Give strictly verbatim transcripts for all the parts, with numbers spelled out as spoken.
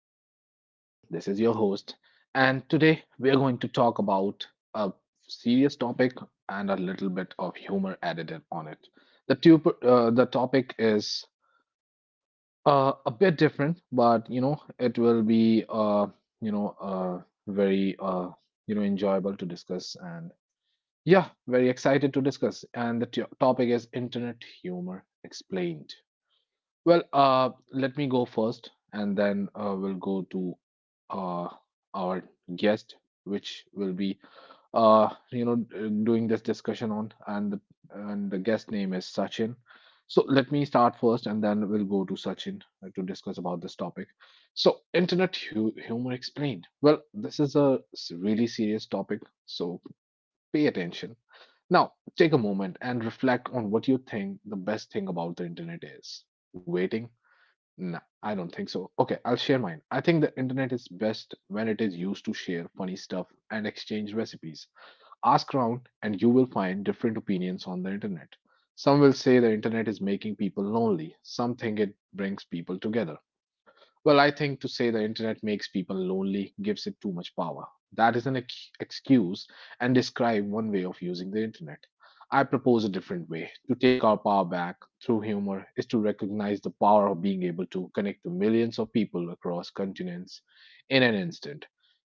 My name is Naveen. This is your host. And today we are going to talk about a serious topic and a little bit of humor added on it. The, tu- uh, the topic is uh, a bit different, but you know, it will be, uh, you know, uh, very, uh, you know, enjoyable to discuss. And yeah, very excited to discuss. And the t- topic is internet humor explained. Well, uh, let me go first, and then uh, we'll go to uh, our guest, which will be uh, you know doing this discussion on, and the and the guest name is Sachin. So let me start first, and then we'll go to Sachin uh, to discuss about this topic. So, internet hu humor explained. Well, this is a s- really serious topic, so pay attention. Now, take a moment and reflect on what you think the best thing about the internet is. Waiting no, I don't think so. Okay, I'll share mine. I think the internet is best when it is used to share funny stuff and exchange recipes. Ask around and you will find different opinions on the internet. Some will say the internet is making people lonely, some think it brings people together. Well, I think to say the internet makes people lonely gives it too much power. That is an ex- excuse and describe one way of using the internet. I propose a different way. To take our power back through humor is to recognize the power of being able to connect to millions of people across continents in an instant.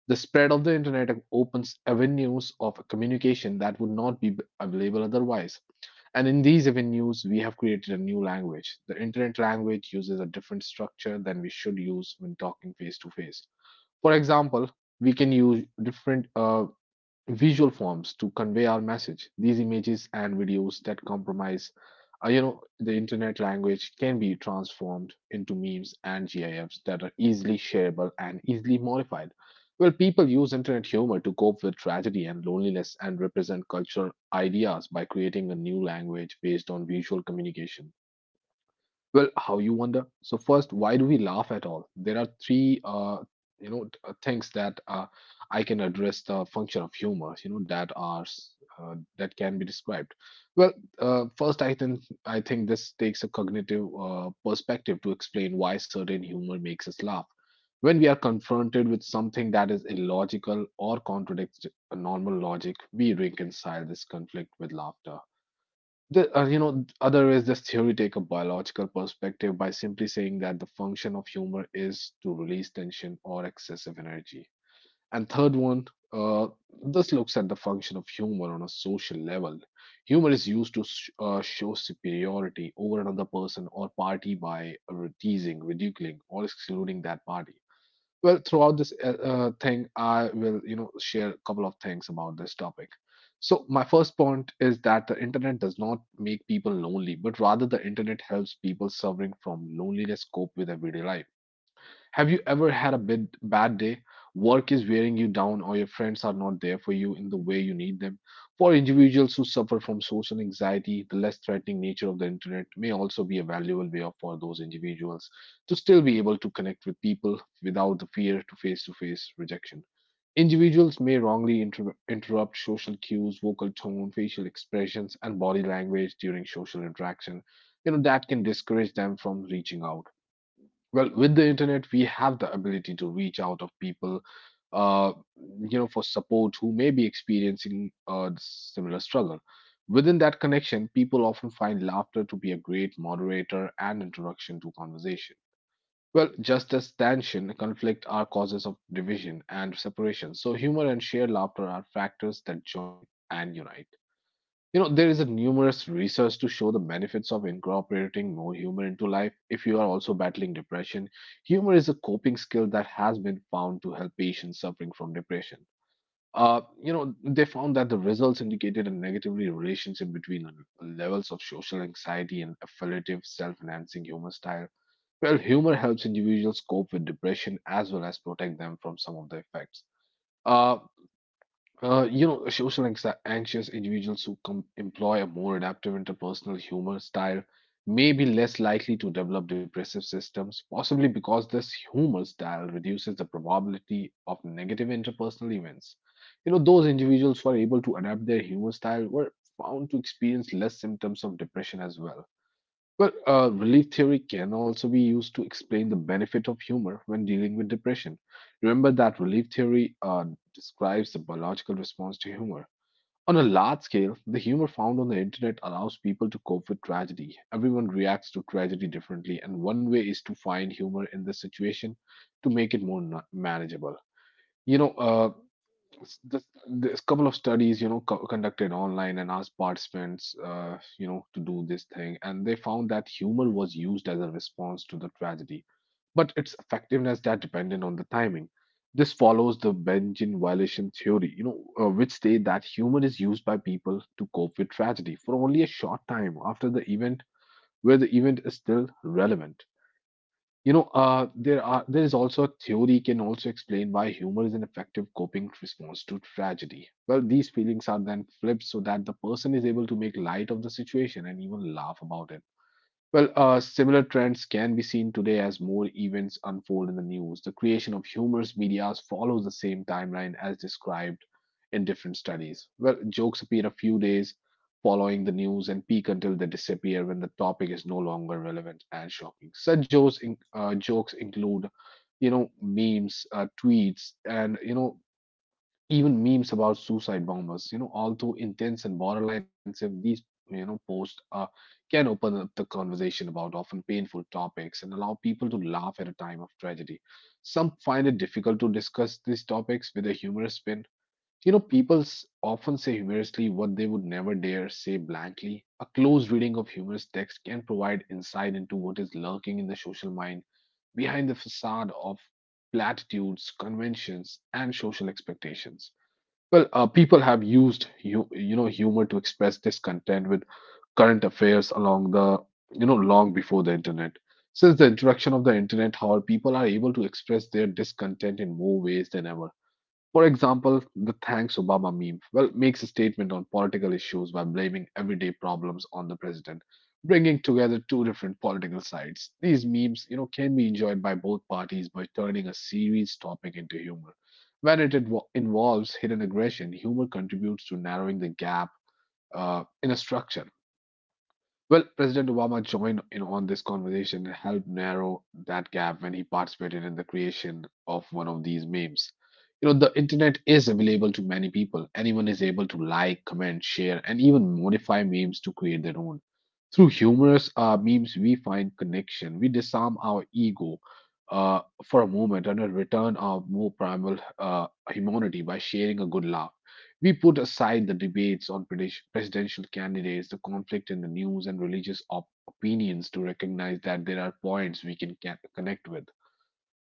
The spread of the internet opens avenues of communication that would not be available otherwise. And in these avenues, we have created a new language. The internet language uses a different structure than we should use when talking face to face. For example, we can use different uh, visual forms to convey our message. These images and videos that compromise, uh, you know, the internet language can be transformed into memes and GIFs that are easily shareable and easily modified. Well, people use internet humor to cope with tragedy and loneliness and represent cultural ideas by creating a new language based on visual communication. Well, how you wonder? So first, why do we laugh at all? There are three, uh, you know, t- uh, things that uh, I can address the function of humor. You know, that are s- uh, that can be described. Well, uh, first, I think I think this takes a cognitive uh, perspective to explain why certain humor makes us laugh. When we are confronted with something that is illogical or contradicts normal logic, we reconcile this conflict with laughter. The, uh, you know, other is this theory take a biological perspective by simply saying that the function of humor is to release tension or excessive energy. And third one, uh, this looks at the function of humor on a social level. Humor is used to sh- uh, show superiority over another person or party by teasing, ridiculing, or excluding that party. Well, throughout this uh, uh, thing, I will you know share a couple of things about this topic. So my first point is that the internet does not make people lonely, but rather the internet helps people suffering from loneliness cope with everyday life. Have you ever had a bit bad day? Work is wearing you down, or your friends are not there for you in the way you need them. For individuals who suffer from social anxiety, the less threatening nature of the internet may also be a valuable way of- for those individuals to still be able to connect with people without the fear to face to face rejection. Individuals may wrongly inter- interrupt social cues, vocal tone, facial expressions, and body language during social interaction. You know, that can discourage them from reaching out. Well, with the internet, we have the ability to reach out of people, uh, you know, for support who may be experiencing a similar struggle. Within that connection, people often find laughter to be a great moderator and introduction to conversation. Well, just as tension, conflict are causes of division and separation, so humor and shared laughter are factors that join and unite. You know, there is a numerous research to show the benefits of incorporating more humor into life if you are also battling depression. Humor is a coping skill that has been found to help patients suffering from depression. Uh, you know, they found that the results indicated a negatively relationship between levels of social anxiety and affiliative self-enhancing humor style. Well, humor helps individuals cope with depression as well as protect them from some of the effects. Uh, uh, you know, social anxi- anxious individuals who com employ a more adaptive interpersonal humor style may be less likely to develop depressive systems, possibly because this humor style reduces the probability of negative interpersonal events. You know, those individuals who are able to adapt their humor style were found to experience less symptoms of depression as well. Well, uh, relief theory can also be used to explain the benefit of humor when dealing with depression. Remember that relief theory uh, describes the biological response to humor. On a large scale, the humor found on the internet allows people to cope with tragedy. Everyone reacts to tragedy differently, and one way is to find humor in the situation to make it more na- manageable. You know, uh, s- this, couple of studies you know co- conducted online and asked participants uh, you know to do this thing, and they found that humor was used as a response to the tragedy, but its effectiveness that depended on the timing. This follows the Benjamin violation theory, you know uh, which state that humor is used by people to cope with tragedy for only a short time after the event, where the event is still relevant. You know, uh, there are there is also a theory can also explain why humor is an effective coping response to tragedy. Well, these feelings are then flipped so that the person is able to make light of the situation and even laugh about it. Well, uh, similar trends can be seen today as more events unfold in the news. The creation of humorous medias follows the same timeline as described in different studies. Well, jokes appear a few days following the news and peak until they disappear when the topic is no longer relevant and shocking. Such jokes, in, uh, jokes include, you know, memes, uh, tweets, and you know, even memes about suicide bombers. you know, although intense and borderline offensive, these you know posts uh, can open up the conversation about often painful topics and allow people to laugh at a time of tragedy. Some find it difficult to discuss these topics with a humorous spin. You know, people s- often say humorously what they would never dare say blankly. A close reading of humorous text can provide insight into what is lurking in the social mind behind the facade of platitudes, conventions, and social expectations. Well, uh, people have used you, you know humor to express discontent with current affairs along the you know long before the internet. Since the introduction of the internet, however, people are able to express their discontent in more ways than ever. For example, the Thanks Obama meme well makes a statement on political issues by blaming everyday problems on the president, bringing together two different political sides. These memes, you know, can be enjoyed by both parties by turning a serious topic into humor. When it invo- involves hidden aggression, humor contributes to narrowing the gap uh, in a structure. Well, President Obama joined in on this conversation and helped narrow that gap when he participated in the creation of one of these memes. You know, the internet is available to many people. Anyone is able to like, comment, share, and even modify memes to create their own. Through humorous uh, memes, we find connection. We disarm our ego uh, for a moment and a return our more primal uh, humanity by sharing a good laugh. We put aside the debates on presidential candidates, the conflict in the news, and religious op- opinions to recognize that there are points we can ca- connect with.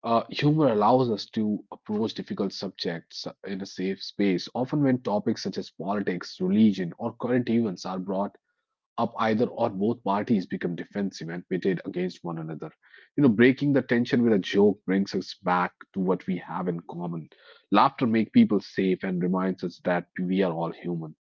Uh, humor allows us to approach difficult subjects in a safe space. Often when topics such as politics, religion, or current events are brought up, either or both parties become defensive and pitted against one another. You know, breaking the tension with a joke brings us back to what we have in common. Laughter makes people safe and reminds us that we are all human.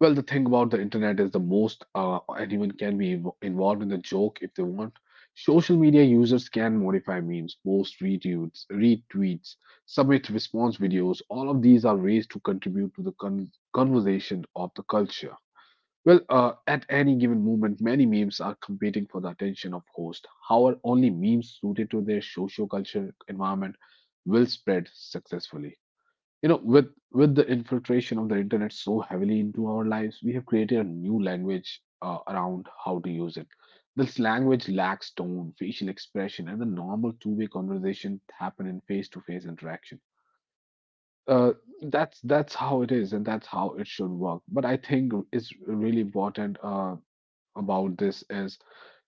Well, the thing about the internet is the most uh, anyone can be inv- involved in the joke if they want. Social media users can modify memes, post retweets, retweets, submit response videos. All of these are ways to contribute to the con- conversation of the culture. Well, uh, at any given moment, many memes are competing for the attention of hosts. However, only memes suited to their socio-cultural environment will spread successfully. You know, with with the infiltration of the internet so heavily into our lives, we have created a new language uh, around how to use it. This language lacks tone, facial expression, and the normal two-way conversation that happen in face-to-face interaction. Uh, that's that's how it is, and that's how it should work. But I think it's really important. Uh, about this is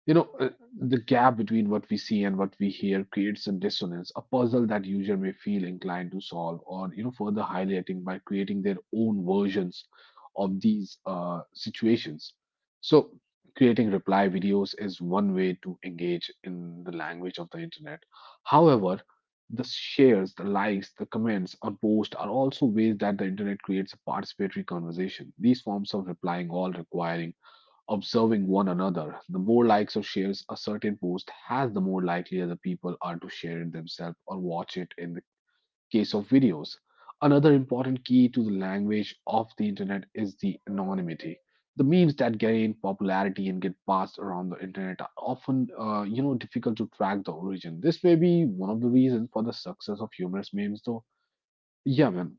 you know uh, the gap between what we see and what we hear creates a dissonance, a puzzle that user may feel inclined to solve, or you know, further highlighting by creating their own versions of these uh, situations. So creating reply videos is one way to engage in the language of the internet. However, the shares, the likes, the comments on posts are also ways that the internet creates a participatory conversation. These forms of replying all requiring observing one another. The more likes or shares a certain post has, the more likely other people are to share it themselves or watch it in the case of videos. Another important key to the language of the internet is the anonymity. The memes that gain popularity and get passed around the internet are often, uh, you know, difficult to track the origin. This may be one of the reasons for the success of humorous memes, though. Yeah, man,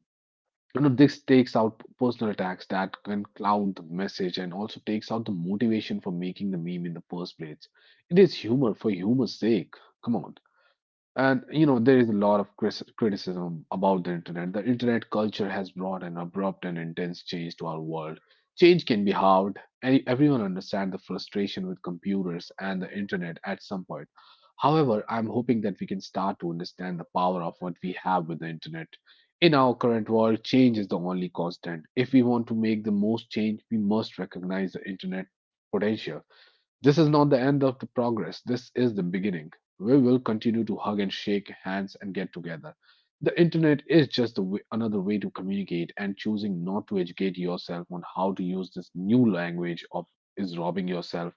you know, this takes out personal attacks that can cloud the message, and also takes out the motivation for making the meme in the first place. It is humor for humor's sake. Come on. And you know, there is a lot of cris- criticism about the internet. The internet culture has brought an abrupt and intense change to our world. Change can be hard, and everyone understands the frustration with computers and the internet at some point. However, I'm hoping that we can start to understand the power of what we have with the internet. In our current world, change is the only constant. If we want to make the most change, we must recognize the internet potential. This is not the end of the progress. This is the beginning. We will continue to hug and shake hands and get together. The internet is just the way, another way to communicate, and choosing not to educate yourself on how to use this new language of is robbing yourself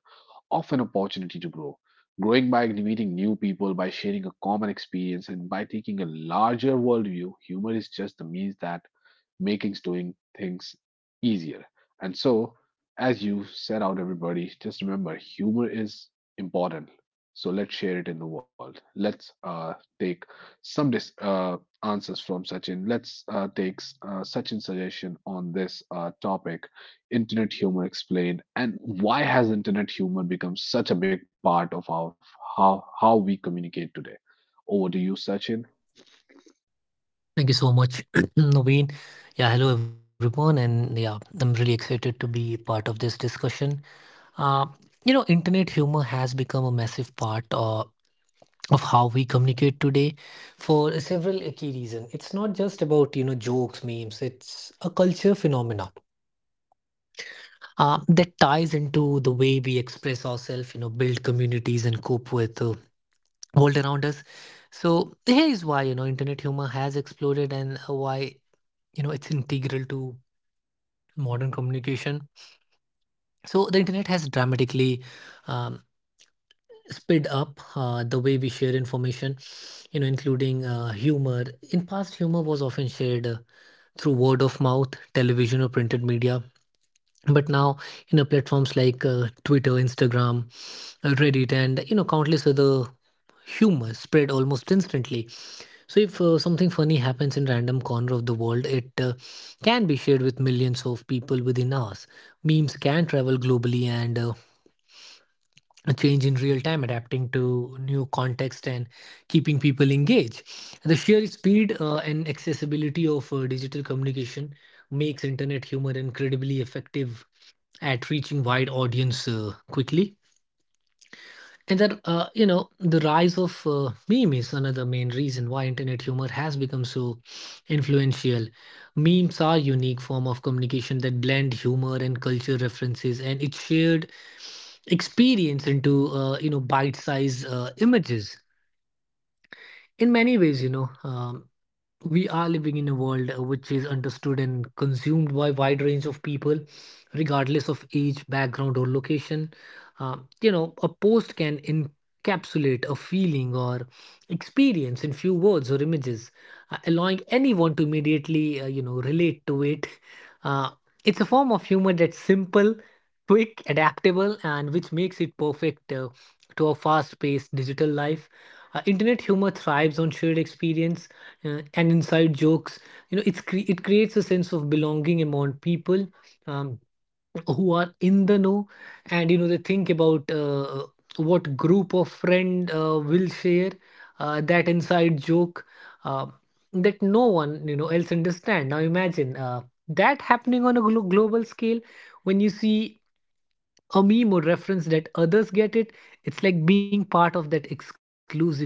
of an opportunity to grow. Growing by meeting new people, by sharing a common experience, and by taking a larger worldview, humor is just the means that making doing things easier. And so, as you set out, everybody, just remember humor is important. So let's share it in the world. Let's uh, Take some dis- uh, answers from Sachin. Let's uh, take uh, Sachin's suggestion on this uh, topic: internet humor explained, and why has internet humor become such a big part of our how how we communicate today? Over to you, Sachin. Thank you so much, Naveen. Yeah, hello everyone, and yeah, I'm really excited to be part of this discussion. Uh, you know, internet humor has become a massive part uh, of how we communicate today for several key reasons. It's not just about you know jokes, memes. It's a culture phenomena uh, that ties into the way we express ourselves, you know, build communities, and cope with the world around us. So here is why you know internet humor has exploded, and why you know it's integral to modern communication. So the internet has dramatically um, sped up uh, the way we share information, you know, including uh, humor. In past, humor was often shared uh, through word of mouth, television, or printed media, but now you know platforms like uh, twitter, instagram, uh, reddit, and you know countless other, humor spread almost instantly. So if uh, something funny happens in random corner of the world, it uh, can be shared with millions of people within hours. Memes can travel globally and uh, change in real time, adapting to new context and keeping people engaged. The sheer speed uh, and accessibility of uh, digital communication makes internet humor incredibly effective at reaching wide audience uh, quickly. And that, uh, you know, the rise of uh, meme is another main reason why internet humor has become so influential. Memes are unique form of communication that blend humor and culture references, and its shared experience into, uh, you know, bite-sized uh, images. In many ways, you know, um, we are living in a world uh, which is understood and consumed by wide range of people regardless of age, background, or location. uh, you know a post can encapsulate a feeling or experience in few words or images, uh, allowing anyone to immediately uh, you know relate to it uh, it's a form of humor that's simple, quick, adaptable, and which makes it perfect uh, to a fast-paced digital life. Uh, internet humor thrives on shared experience uh, and inside jokes. you know it's cre- it creates a sense of belonging among people um, who are in the know, and you know they think about uh, what group of friend uh, will share uh, that inside joke uh, that no one you know else understand. Now imagine uh, that happening on a glo- global scale. When you see a meme or reference that others get it, it's like being part of that exclusive club.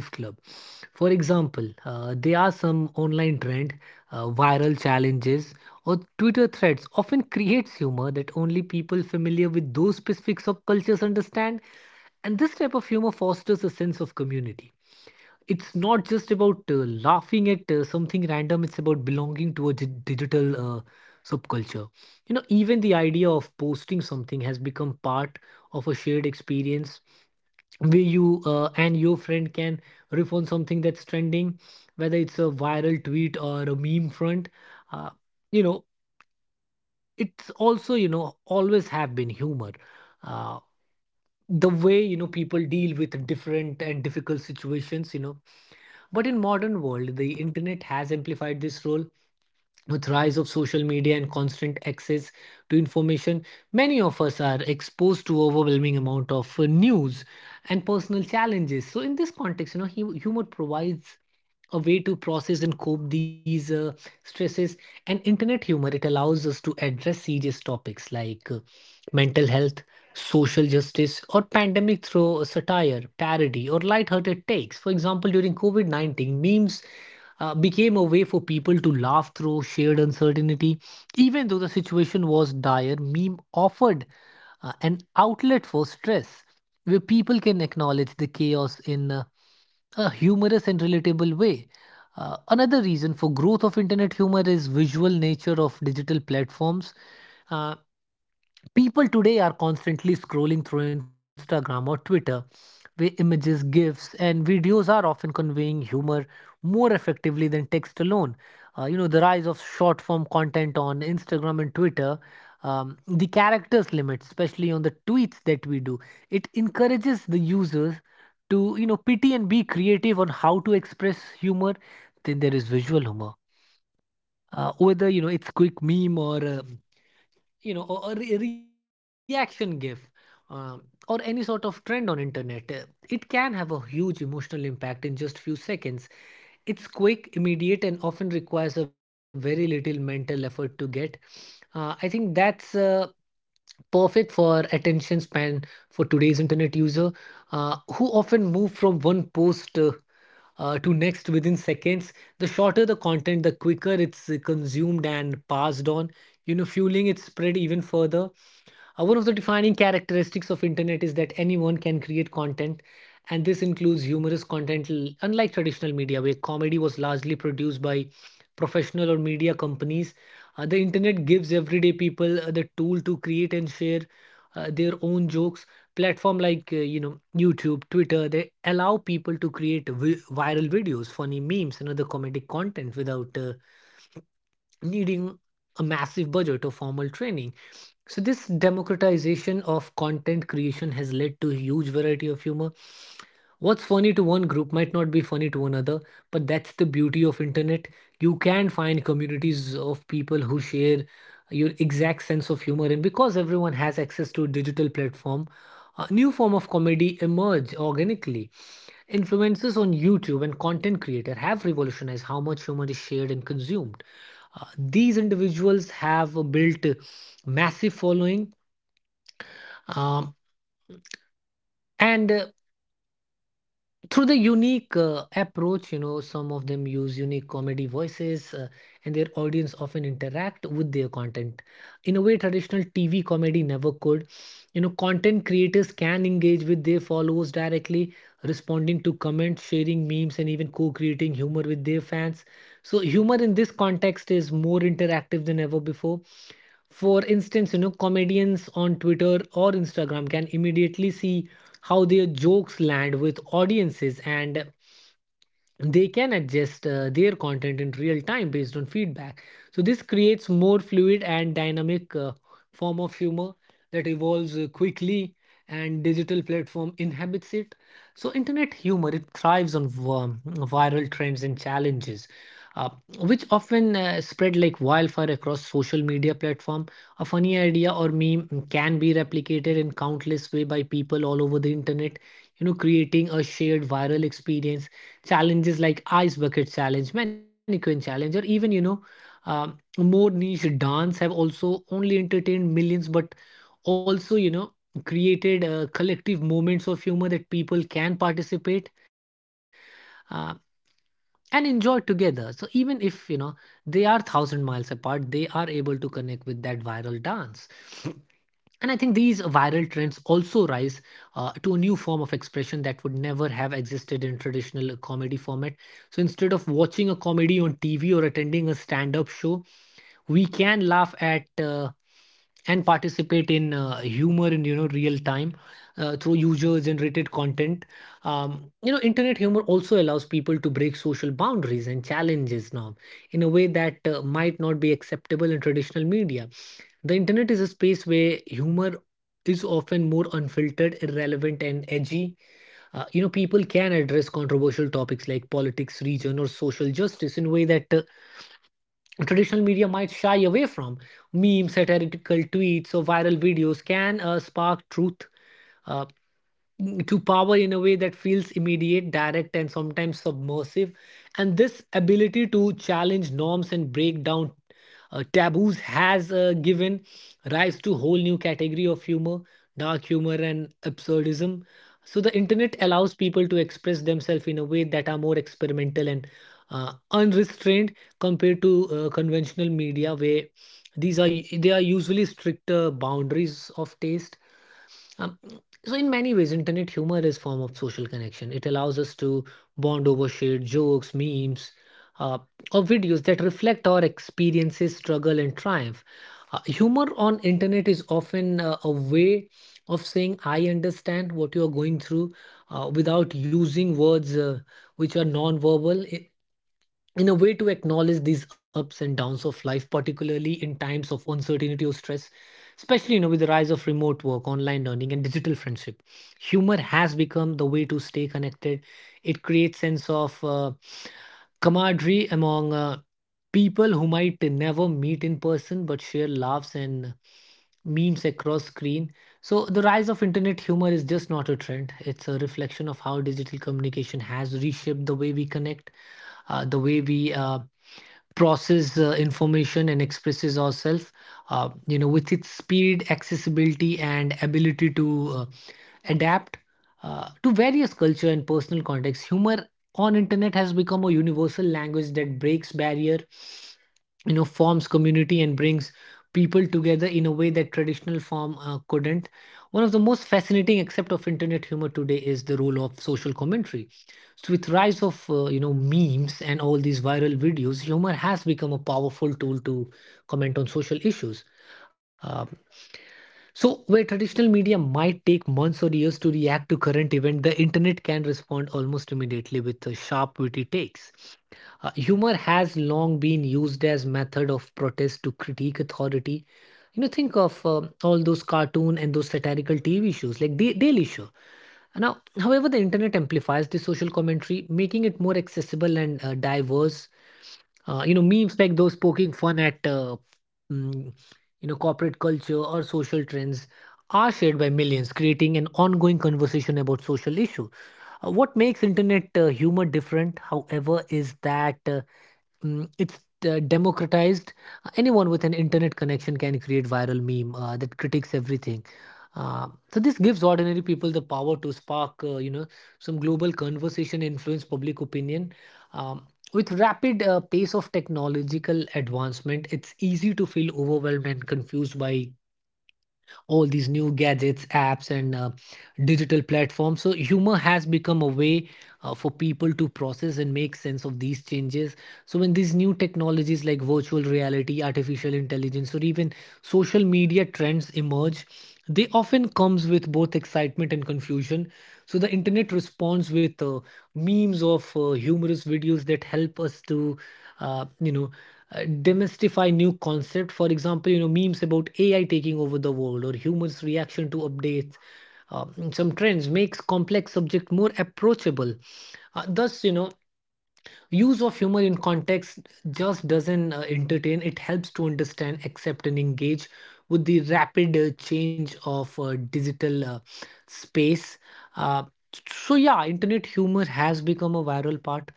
For example, uh, there are some online trend, uh, viral challenges, or twitter threads often creates humor that only people familiar with those specific subcultures understand. And this type of humor fosters a sense of community. It's not just about uh, laughing at uh, something random. It's about belonging to a di- digital uh, subculture. you know even the idea of posting something has become part of a shared experience, where you uh, and your friend can riff on something that's trending, whether it's a viral tweet or a meme front. uh, you know it's also you know always have been humor, uh, the way you know people deal with different and difficult situations. you know but in modern world, the internet has amplified this role with rise of social media and constant access to information. Many of us are exposed to overwhelming amount of uh, news and personal challenges. So in this context, you know, hu- humor provides a way to process and cope these uh, stresses. And internet humor, it allows us to address serious topics like uh, mental health, social justice, or pandemic through satire, parody, or lighthearted takes. For example, during COVID nineteen, memes uh, became a way for people to laugh through shared uncertainty. Even though the situation was dire, meme offered uh, an outlet for stress, where people can acknowledge the chaos in uh, a humorous and relatable way. Uh, another reason for growth of internet humor is visual nature of digital platforms. Uh, People today are constantly scrolling through Instagram or Twitter, where images, GIFs, and videos are often conveying humor more effectively than text alone. Uh, you know, the rise of short form content on Instagram and Twitter, um, the characters limit, especially on the tweets that we do, it encourages the users to, you know, pity and be creative on how to express humor. Then there is visual humor. Uh, whether you know it's quick meme or uh, you know or a re- reaction gif, um, or any sort of trend on internet, uh, it can have a huge emotional impact in just few seconds. It's quick, immediate, and often requires a very little mental effort to get. uh, i think that's uh, perfect for attention span for today's internet user, uh, who often move from one post uh, uh, to next within seconds. The shorter the content, the quicker it's uh, consumed and passed on, you know fueling its spread even further. uh, one of the defining characteristics of internet is that anyone can create content, and this includes humorous content, unlike traditional media where comedy was largely produced by professional or media companies. Uh, the internet gives everyday people uh, the tool to create and share uh, their own jokes. Platform like uh, you know YouTube, Twitter, they allow people to create vi- viral videos, funny memes, and other comedic content without uh, needing a massive budget or formal training. So, this democratization of content creation has led to a huge variety of humor. What's funny to one group might not be funny to another, but that's the beauty of internet. You can find communities of people who share your exact sense of humor, and because everyone has access to a digital platform, a new form of comedy emerge organically. Influencers on YouTube and content creator have revolutionized how much humor is shared and consumed. uh, these individuals have built massive following, um, and uh, through the unique uh, approach. you know some of them use unique comedy voices, uh, and their audience often interact with their content in a way traditional tv comedy never could. you know content creators can engage with their followers directly, responding to comments, sharing memes, and even co-creating humor with their fans. So humor in this context is more interactive than ever before. For instance, you know comedians on twitter or instagram can immediately see how their jokes land with audiences, and they can adjust uh, their content in real time based on feedback. So this creates more fluid and dynamic uh, form of humor that evolves uh, quickly, and digital platform inhabits it. So internet humor, it thrives on um, viral trends and challenges, uh, which often uh, spread like wildfire across social media platform. A funny idea or meme can be replicated in countless way by people all over the internet, you know creating a shared viral experience. Challenges like ice bucket challenge, mannequin challenge, or even you know um, more niche dance have also only entertained millions, but also you know created uh, collective moments of humor that people can participate uh, and enjoy together. So even if you know they are thousand miles apart, they are able to connect with that viral dance. And I think these viral trends also rise uh, to a new form of expression that would never have existed in traditional comedy format. So instead of watching a comedy on T V or attending a stand up show, we can laugh at uh, and participate in uh, humor in you know real time uh, through user generated content. um, you know internet humor also allows people to break social boundaries and challenges now in a way that uh, might not be acceptable in traditional media. The internet is a space where humor is often more unfiltered, irrelevant, and edgy. Uh, you know, people can address controversial topics like politics, region, or social justice in a way that uh, traditional media might shy away from. Memes, satirical tweets, or viral videos can uh, spark truth Uh, to power in a way that feels immediate, direct, and sometimes submersive. And this ability to challenge norms and break down uh, taboos has uh, given rise to a whole new category of humor, dark humor, and absurdism. So the internet allows people to express themselves in a way that are more experimental and uh, unrestrained compared to uh, conventional media, where these are they are usually stricter boundaries of taste. um, so in many ways, internet humor is form of social connection. It allows us to bond over shared jokes, memes, uh, or videos that reflect our experiences, struggle, and triumph. Uh, humor on internet is often uh, a way of saying "I understand what you are going through" uh, without using words uh, which are non-verbal, in a way to acknowledge these ups and downs of life, particularly in times of uncertainty or stress, especially you know with the rise of remote work, online learning, and digital friendship. Humor has become the way to stay connected. It creates sense of uh, camaraderie among uh, people who might never meet in person but share laughs and memes across screen. So the rise of internet humor is just not a trend, it's a reflection of how digital communication has reshaped the way we connect, uh, the way we uh, process uh, information and expresses ourselves, uh, you know, with its speed, accessibility, and ability to uh, adapt uh, to various culture and personal contexts. Humor on internet has become a universal language that breaks barrier, you know, forms community, and brings people together in a way that traditional form uh, couldn't. One of the most fascinating aspect of internet humor today is the role of social commentary. So with rise of uh, you know, memes and all these viral videos, humor has become a powerful tool to comment on social issues. um, so where traditional media might take months or years to react to current event, the internet can respond almost immediately with uh, sharp witty takes. Uh, humor has long been used as method of protest to critique authority. You know, think of um, all those cartoon and those satirical T V shows like Da- Daily Show. Now, however, the internet amplifies the social commentary, making it more accessible and uh, diverse. Uh, you know, memes like those poking fun at uh, mm, you know, corporate culture or social trends are shared by millions, creating an ongoing conversation about social issue. Uh, what makes internet uh, humor different, however, is that. Uh, Mm, it's uh, democratized. Anyone with an internet connection can create viral meme uh, that critiques everything. Uh, so this gives ordinary people the power to spark, uh, you know, some global conversation, influence public opinion. Um, with rapid uh, pace of technological advancement, it's easy to feel overwhelmed and confused by all these new gadgets, apps, and uh, digital platforms. So humor has become a way uh, for people to process and make sense of these changes. So when these new technologies like virtual reality, artificial intelligence, or even social media trends emerge, they often comes with both excitement and confusion. So the internet responds with uh, memes of uh, humorous videos that help us to, uh, you know, uh, demystify new concept. For example, you know, memes about ai taking over the world or humans reaction to updates. Um, some trends makes complex subject more approachable, uh, thus you know, use of humor in context just doesn't uh, entertain, it helps to understand, accept, and engage with the rapid uh, change of uh, digital uh, space. Uh, so, yeah, internet humor has become a viral part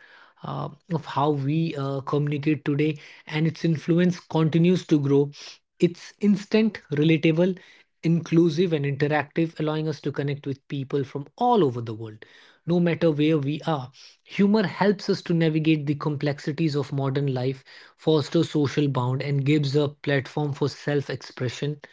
uh, of how we uh, communicate today, and its influence continues to grow. It's instant, relatable, inclusive, and interactive, allowing us to connect with people from all over the world, no matter where we are. Humor helps us to navigate the complexities of modern life, fosters social bond, and gives a platform for self expression.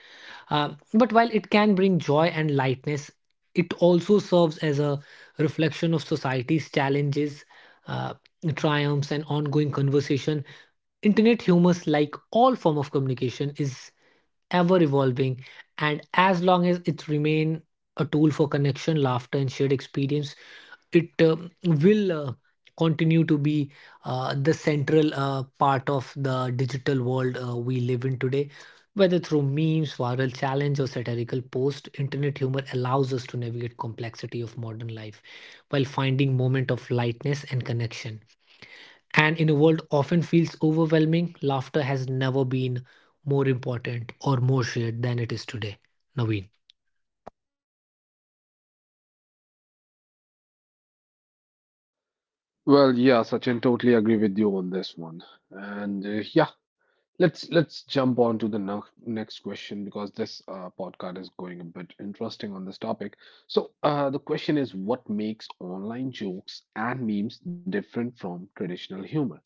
Uh, but while it can bring joy and lightness, it also serves as a reflection of society's challenges, uh, triumphs, and ongoing conversation. Internet humor, like all form of communication, is ever evolving, and as long as it remain a tool for connection, laughter, and shared experience, it um, will uh, continue to be uh, the central uh, part of the digital world uh, we live in today. Whether through memes, viral challenge, or satirical post, internet humor allows us to navigate complexity of modern life while finding moment of lightness and connection. And in a world often feels overwhelming, laughter has never been more important or more shared than it is today. Naveen. Well, yeah, Sachin, totally agree with you on this one. And uh, yeah, let's let's jump on to the no next question, because this uh, podcast is going a bit interesting on this topic. So, uh, the question is, what makes online jokes and memes different from traditional humor?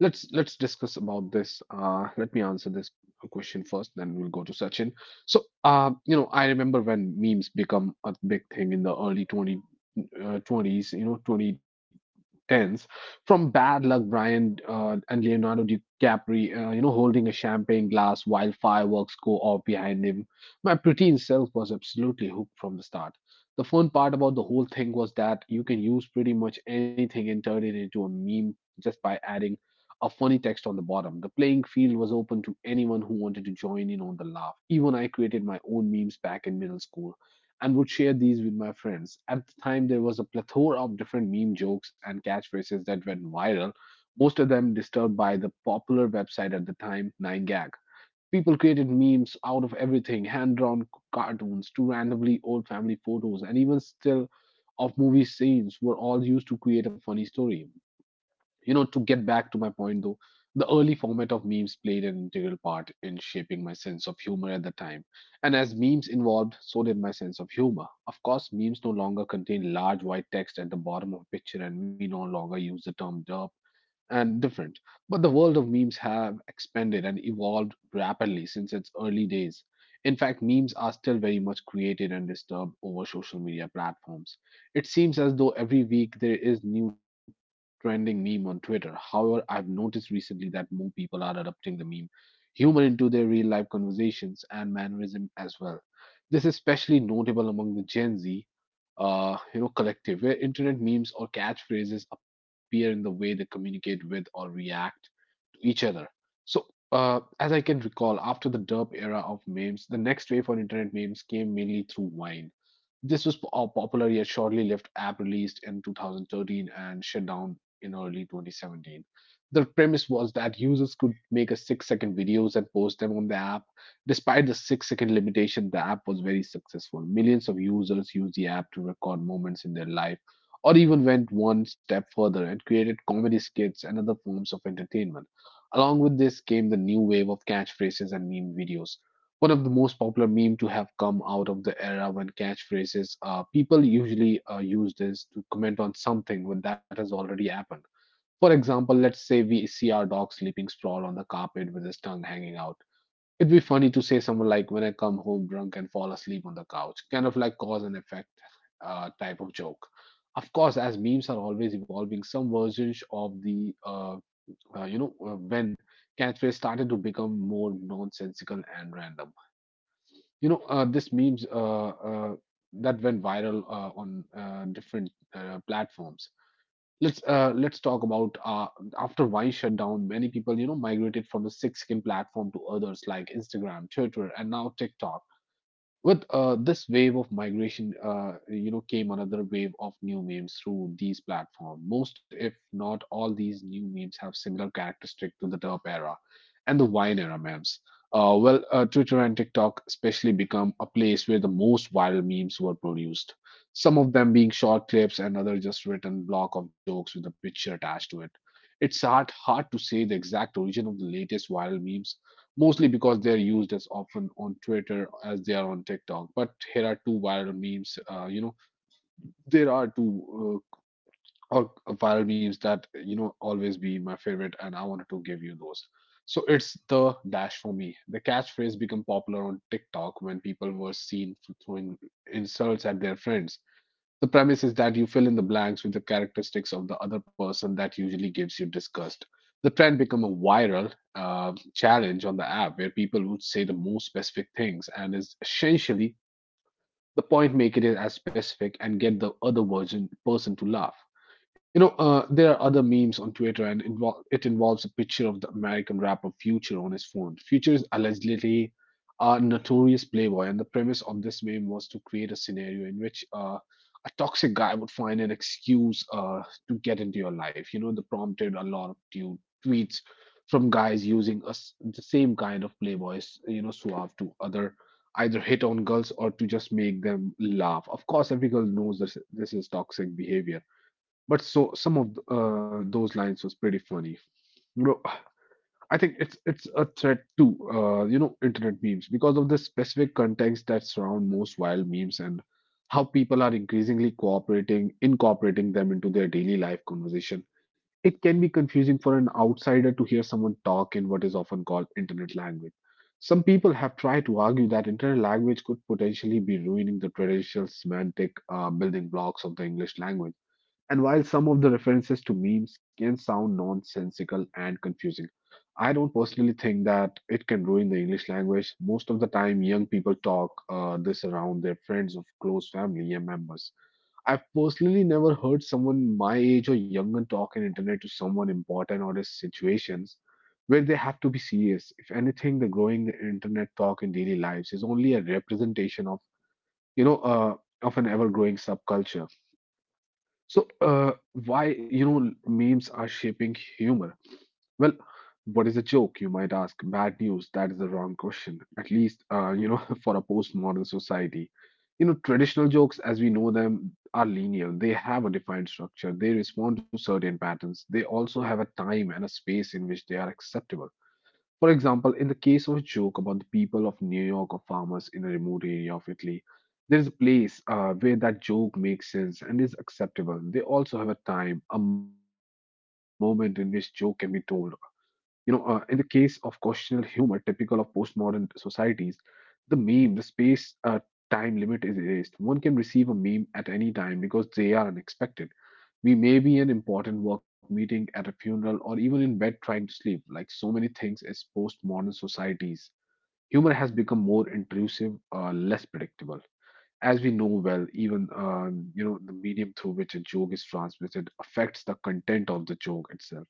Let's let's discuss about this. Uh, let me answer this question first, then we'll go to Sachin. So, uh, you know, I remember when memes become a big thing in the early 20, uh, 20s, you know, twenty tens, from Bad Luck Brian uh, and Leonardo DiCaprio, uh, you know, holding a champagne glass while fireworks go off behind him. My preteen self was absolutely hooked from the start. The fun part about the whole thing was that you can use pretty much anything and turn it into a meme just by adding a funny text on the bottom. The playing field was open to anyone who wanted to join in on the laugh. Even I created my own memes back in middle school and would share these with my friends. At the time, there was a plethora of different meme jokes and catchphrases that went viral, most of them disturbed by the popular website at the time, nine gag. People created memes out of everything, hand drawn cartoons to randomly old family photos, and even still of movie scenes were all used to create a funny story. You know, to get back to my point though, the early format of memes played an integral part in shaping my sense of humor at the time. And as memes evolved, so did my sense of humor. Of course, memes no longer contain large white text at the bottom of a picture, and we no longer use the term derp and different. But the world of memes have expanded and evolved rapidly since its early days. In fact, memes are still very much created and disturbed over social media platforms. It seems as though every week there is new trending meme on Twitter. However, I've noticed recently that more people are adopting the meme humor into their real life conversations and mannerism as well. This is especially notable among the Gen Z uh, you know, collective, where internet memes or catchphrases appear in the way they communicate with or react to each other. So, uh, as I can recall, after the derp era of memes, the next wave for internet memes came mainly through Vine. This was a popular yet shortly lived app released in two thousand thirteen and shut down in early twenty seventeen. The premise was that users could make a six second videos and post them on the app. Despite the six second limitation, the app was very successful. Millions of users used the app to record moments in their life, or even went one step further and created comedy skits and other forms of entertainment. Along with this came the new wave of catchphrases and meme videos. One of the most popular meme to have come out of the era when catchphrases, uh, people usually uh, use this to comment on something when that has already happened. For example, let's say we see our dog sleeping sprawled on the carpet with his tongue hanging out. It'd be funny to say someone like, when I come home drunk and fall asleep on the couch, kind of like cause and effect uh, type of joke. Of course, as memes are always evolving, some versions of the, uh, uh, you know, uh, when catchphrase started to become more nonsensical and random. You know, uh, this memes uh, uh, that went viral uh, on uh, different uh, platforms. Let's uh, let's talk about uh, after Vine shut down, many people, you know, migrated from the six-skin platform to others like Instagram, Twitter, and now TikTok. With uh, this wave of migration, uh, you know, came another wave of new memes through these platforms. Most, if not all, these new memes have similar characteristic to the derp era and the Vine era memes. Uh, well, uh, Twitter and TikTok especially become a place where the most viral memes were produced. Some of them being short clips, and other just written block of jokes with a picture attached to it. It's hard hard to say the exact origin of the latest viral memes, mostly because they're used as often on Twitter as they are on TikTok. But here are two viral memes. Uh, you know, there are two uh, or viral memes that, you know, always be my favorite, and I wanted to give you those. So it's the dash for me. The catchphrase became popular on TikTok when people were seen throwing insults at their friends. The premise is that you fill in the blanks with the characteristics of the other person that usually gives you disgust. The trend become a viral uh, challenge on the app where people would say the most specific things, and is essentially the point make it as specific and get the other version person to laugh. You know, uh, there are other memes on Twitter, and invol it involves a picture of the American rapper Future on his phone. Future is allegedly a notorious playboy, and the premise of this meme was to create a scenario in which uh, a toxic guy would find an excuse uh, to get into your life. You know, the prompted a lot of tu- tweets from guys using us the same kind of playboys, you know, suave to other either hit on girls or to just make them laugh. Of course, every girl knows this, this is toxic behavior, but so some of uh, those lines was pretty funny. You know, I think it's it's a threat to uh, you know internet memes because of the specific context that surround most wild memes and how people are increasingly cooperating incorporating them into their daily life conversation. It can be confusing for an outsider to hear someone talk in what is often called internet language. Some people have tried to argue that internet language could potentially be ruining the traditional semantic uh, building blocks of the English language, and while some of the references to memes can sound nonsensical and confusing, I don't personally think that it can ruin the English language. Most of the time, young people talk uh, this around their friends of close family and members. I've personally never heard someone my age or younger talk in internet to someone important or in situations where they have to be serious. If anything, the growing internet talk in daily lives is only a representation of you know uh, of an ever-growing subculture. So, uh, why, you know, memes are shaping humor? Well, what is a joke, you might ask? Bad news, that is the wrong question, at least, uh, you know, for a postmodern society. You know, traditional jokes as we know them are linear. They have a defined structure. They respond to certain patterns. They also have a time and a space in which they are acceptable. For example, in the case of a joke about the people of New York or farmers in a remote area of Italy, there is a place uh, where that joke makes sense and is acceptable. They also have a time, a moment in which joke can be told. You know, uh, in the case of questionable humor, typical of postmodern societies, the meme, the space uh, time limit is erased. One can receive a meme at any time because they are unexpected. We may be in important work meeting at a funeral or even in bed trying to sleep. Like so many things is postmodern societies, humor has become more intrusive, uh, less predictable. As we know well, even um, you know the medium through which a joke is transmitted affects the content of the joke itself.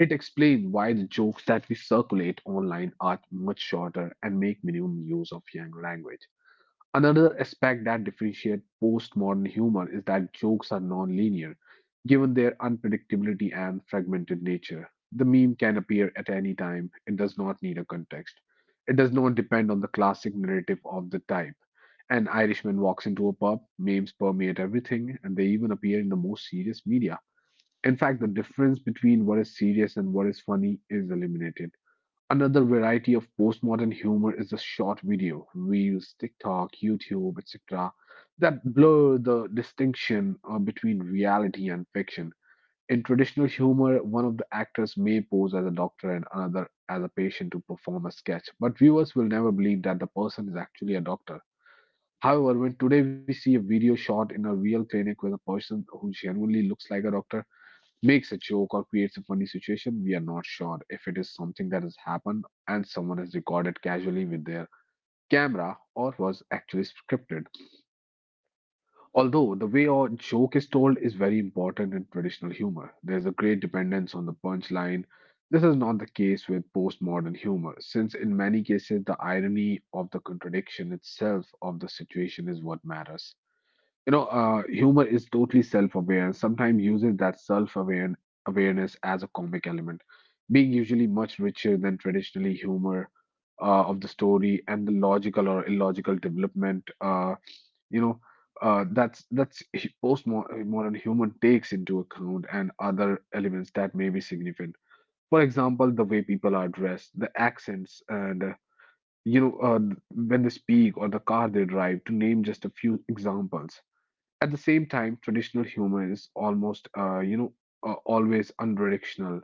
It explains why the jokes that we circulate online are much shorter and make minimum use of young language. Another aspect that differentiates postmodern humor is that jokes are non-linear, given their unpredictability and fragmented nature. The meme can appear at any time. It does not need a context. It does not depend on the classic narrative of the type. An Irishman walks into a pub, memes permeate everything, and they even appear in the most serious media. In fact, the difference between what is serious and what is funny is eliminated. Another variety of postmodern humor is the short video, Reels, TikTok, YouTube, et cetera, that blur the distinction uh, between reality and fiction. In traditional humor, one of the actors may pose as a doctor and another as a patient to perform a sketch, but viewers will never believe that the person is actually a doctor. However, when today we see a video shot in a real clinic with a person who genuinely looks like a doctor, makes a joke or creates a funny situation, we are not sure if it is something that has happened and someone has recorded casually with their camera or was actually scripted. Although the way a joke is told is very important in traditional humor, there's a great dependence on the punchline. This is not the case with postmodern humor, since in many cases the irony of the contradiction itself of the situation is what matters. You know, uh, humor is totally self-aware. Sometimes uses that self-aware awareness as a comic element, being usually much richer than traditionally humor uh, of the story and the logical or illogical development. Uh, you know, uh, that's that's hu- Postmodern humor takes into account and other elements that may be significant. For example, the way people are dressed, the accents, and uh, you know, uh, when they speak or the car they drive, to name just a few examples. At the same time, traditional humor is almost, uh, you know, uh, always unidirectional,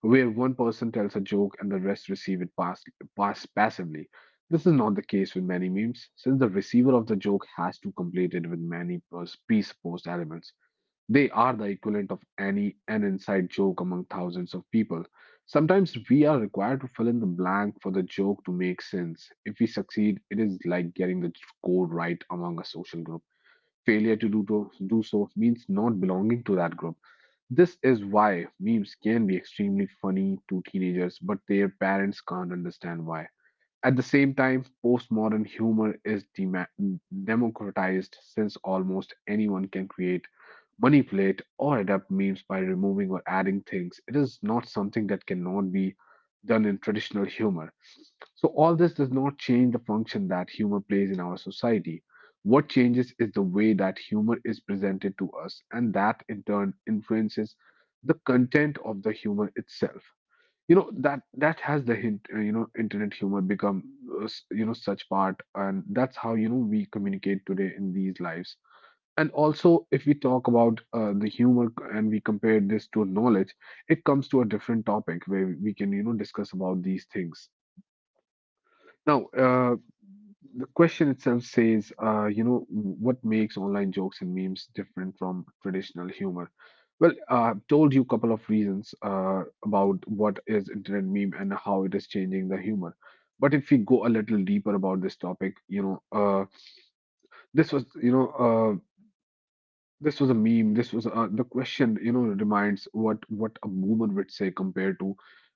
where one person tells a joke and the rest receive it pass, pass passively. This is not the case with many memes, since the receiver of the joke has to complete it with many pres- presupposed elements. They are the equivalent of any an inside joke among thousands of people. Sometimes we are required to fill in the blank for the joke to make sense. If we succeed, it is like getting the code right among a social group. Failure to do, to do so means not belonging to that group. This is why memes can be extremely funny to teenagers, but their parents can't understand why. At the same time, postmodern humor is dema- democratized since almost anyone can create, manipulate, or adapt memes by removing or adding things. It is not something that cannot be done in traditional humor. So, all this does not change the function that humor plays in our society. What changes is the way that humor is presented to us, and that in turn influences the content of the humor itself. you know that that has the hint uh, you know internet humor become uh, s- you know such part, and that's how you know we communicate today in these lives. And also if we talk about uh, the humor c- and we compare this to knowledge, it comes to a different topic where we can you know discuss about these things. Now, uh, the question itself says, uh, you know, what makes online jokes and memes different from traditional humor? Well, uh, I've told you a couple of reasons uh, about what is internet meme and how it is changing the humor. But if we go a little deeper about this topic, you know, uh, this was, you know, uh, this was a meme. This was uh, the question, you know, reminds what what a boomer would say compared to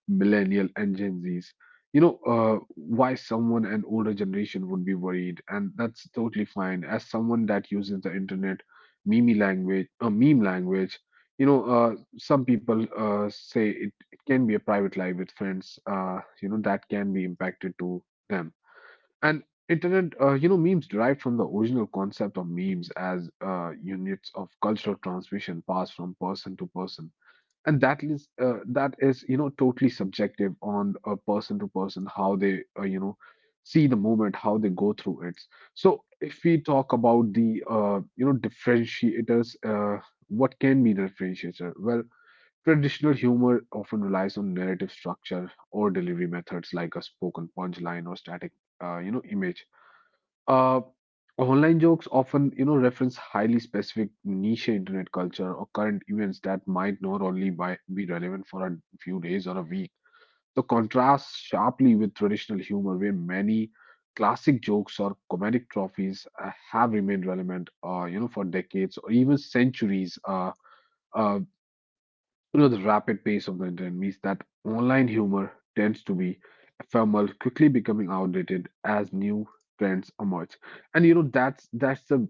millennial and Gen Zs. You know, uh, why someone an older generation would be worried, and that's totally fine. As someone that uses the internet, meme language, uh, meme language, you know, uh, some people uh, say it, it can be a private life with friends. Uh, you know, that can be impacted to them. And internet, uh, you know, memes derived from the original concept of memes as uh, units of cultural transmission passed from person to person. And that is, uh, that is, you know, totally subjective on a person to person, how they, uh, you know, see the moment, how they go through it. So if we talk about the, uh, you know, differentiators, uh, what can be the differentiator? Well, traditional humor often relies on narrative structure or delivery methods like a spoken punchline or static, uh, you know, image. uh, Online jokes often, you know, reference highly specific niche internet culture or current events that might not only by, be relevant for a few days or a week. The contrasts sharply with traditional humor, where many classic jokes or comedic trophies uh, have remained relevant, uh, you know, for decades or even centuries. Uh, uh, you know, the rapid pace of the internet means that online humor tends to be ephemeral, quickly becoming outdated as new trends emerge. And you know, that's that's the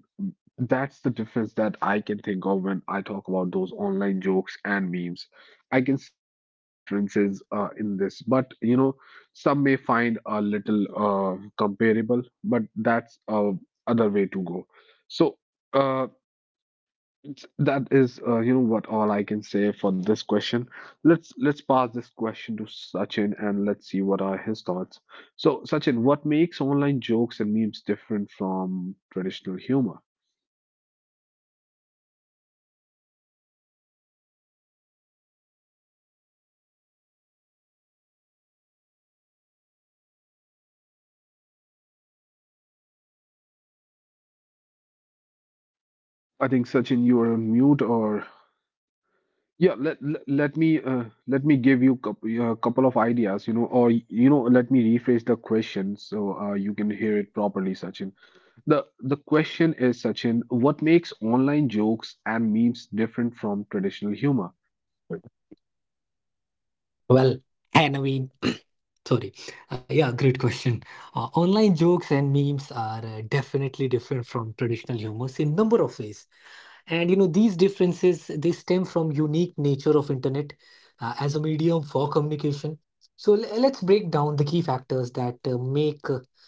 that's the difference that I can think of when I talk about those online jokes and memes. I can see couple of differences uh, in this, but you know, some may find a little uh, comparable, but that's a other way to go. So. Uh, that is, uh, you know what, all I can say for this question. Let's let's pass this question to Sachin and let's see what are his thoughts. So, Sachin, what makes online jokes and memes different from traditional humor? I think Sachin, you are on mute. Or yeah, let let, let me uh, let me give you a uh, couple of ideas. You know, or you know, let me rephrase the question so uh, you can hear it properly, Sachin. The the question is, Sachin, what makes online jokes and memes different from traditional humor? Well, hi Naveen. Sorry. Uh, yeah, great question. Uh, online jokes and memes are uh, definitely different from traditional humors in number of ways. And you know, these differences they stem from unique nature of internet uh, as a medium for communication. So l- let's break down the key factors that uh, make uh,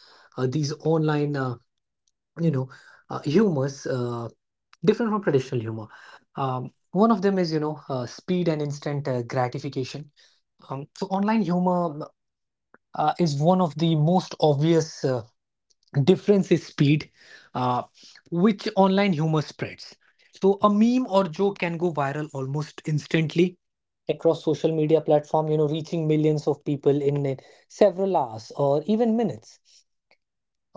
uh, these online uh, you know uh, humors uh, different from traditional humor. Um, one of them is you know uh, speed and instant uh, gratification. Um, so online humor uh, is one of the most obvious uh, difference is speed, uh, which online humor spreads. So a meme or joke can go viral almost instantly across social media platform, You know, reaching millions of people in uh, several hours or even minutes.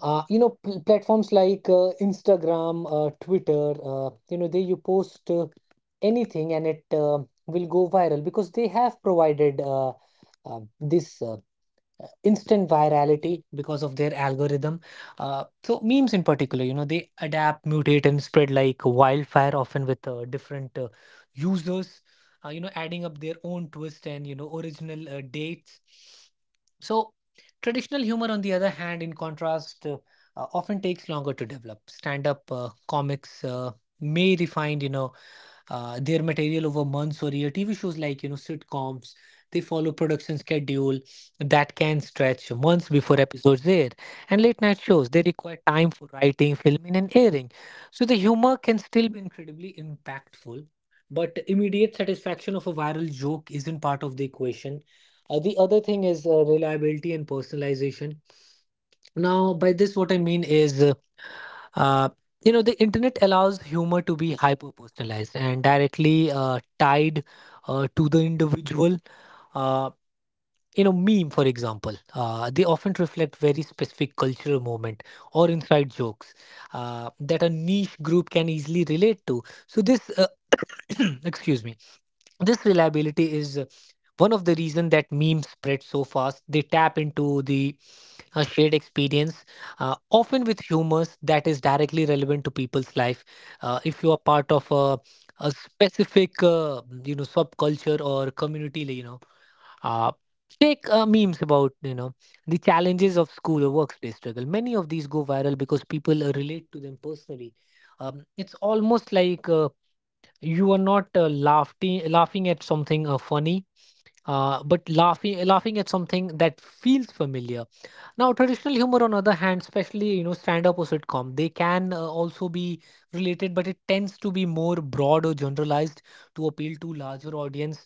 Uh, you know, pl- platforms like uh, Instagram, uh, Twitter. Uh, you know, they you post uh, anything and it uh, will go viral because they have provided Uh, uh, this Uh, instant virality because of their algorithm. Uh, so memes in particular, you know, they adapt, mutate, and spread like wildfire, often with uh, different uh, users, uh, you know, adding up their own twist and you know original uh, dates. So traditional humor, on the other hand, in contrast, uh, uh, often takes longer to develop. Stand-up uh, comics uh, may refine, you know uh, their material over months or year. T V shows like, you know, sitcoms, they follow production schedule that can stretch months before episodes air. And late night shows, they require time for writing, filming, and airing. So the humor can still be incredibly impactful, but immediate satisfaction of a viral joke isn't part of the equation. Uh, the other thing is uh, reliability and personalization. Now, by this, what I mean is, uh, uh, you know, the internet allows humor to be hyper personalized and directly uh, tied uh, to the individual. Uh, you know, Meme, for example, uh, they often reflect very specific cultural moment or inside jokes uh, that a niche group can easily relate to. So this, uh, excuse me, this reliability is uh, one of the reason that memes spread so fast. They tap into the a shared experience, uh, often with humor that is directly relevant to people's life. Uh, if you are part of a, a specific, uh, you know, subculture or community, like, you know, uh, take uh, memes about, you know, the challenges of school or workplace struggle. Many of these go viral because people uh, relate to them personally. Um, it's almost like uh, you are not uh, laughing laughing at something uh, funny, uh, but laughing laughing at something that feels familiar. Now, traditional humor, on other hand, especially you know stand-up or sitcom, they can uh, also be related, but it tends to be more broad or generalized to appeal to larger audience.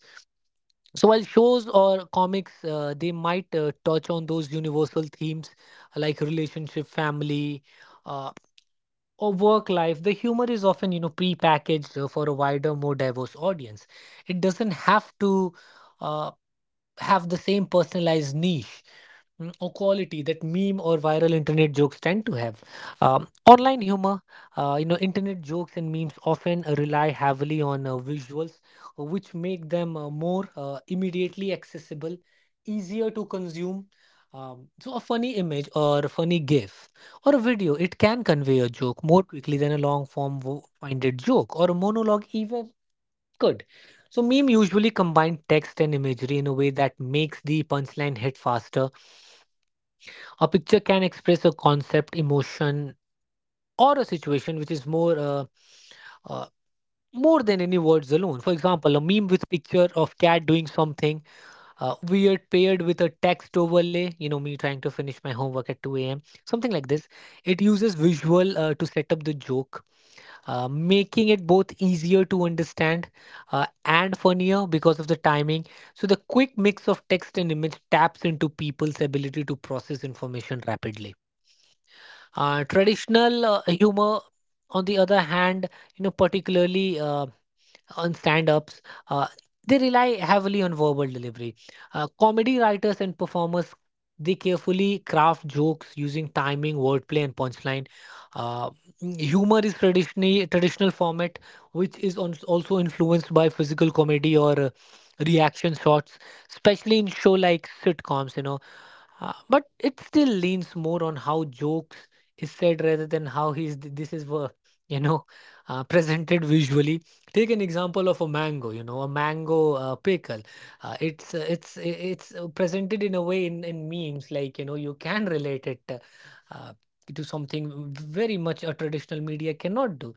So, while shows or comics, uh, they might uh, touch on those universal themes like relationship, family, uh, or work life, the humor is often you know pre-packaged uh, for a wider, more diverse audience. It doesn't have to uh, have the same personalized niche, Mm, or quality that meme or viral internet jokes tend to have. Um, online humor, uh, you know, internet jokes and memes often uh, rely heavily on uh, visuals, uh, which make them uh, more uh, immediately accessible, easier to consume. Um, so, a funny image or a funny GIF or a video, it can convey a joke more quickly than a long form wo- winded joke or a monologue even could. So, meme usually combine text and imagery in a way that makes the punchline hit faster. A picture can express a concept emotion or a situation which is more uh, uh, more than any words alone. For example, a meme with picture of cat doing something uh, weird paired with a text overlay, you know me trying to finish my homework at two a m a.m, something like this. It uses visual uh, to set up the joke, uh, making it both easier to understand uh, and funnier because of the timing. So the quick mix of text and image taps into people's ability to process information rapidly. Uh, traditional uh, humor, on the other hand, you know, particularly uh, on stand-ups, uh, they rely heavily on verbal delivery. Uh, comedy writers and performers they carefully craft jokes using timing, wordplay, and punchline. Uh, Humor is traditionally traditional format, which is on, also influenced by physical comedy or uh, reaction shots, especially in show like sitcoms. You know uh, but it still leans more on how jokes is said rather than how he's this is wo- you know uh, presented visually. Take an example of a mango, you know a mango uh, pickle. Uh, it's uh, it's it's uh, presented in a way in, in memes like, you know you can relate it uh, uh, to something very much a traditional media cannot do.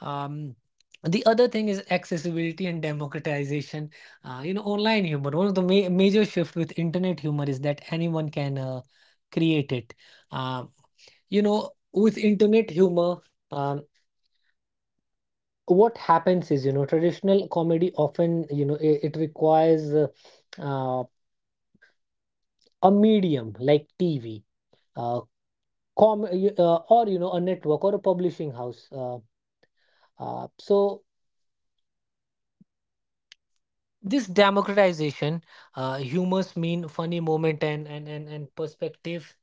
um, the other thing is accessibility and democratization. Uh, you know, online humor. One of the ma major shift with internet humor is that anyone can uh, create it. Uh, you know, with internet humor, um, what happens is, you know, traditional comedy often, you know, it, it requires uh, uh, a medium like T V, uh, com y- uh, or you know, a network or a publishing house. Uh, uh, so this democratization, uh, humors mean funny moment and and and and perspective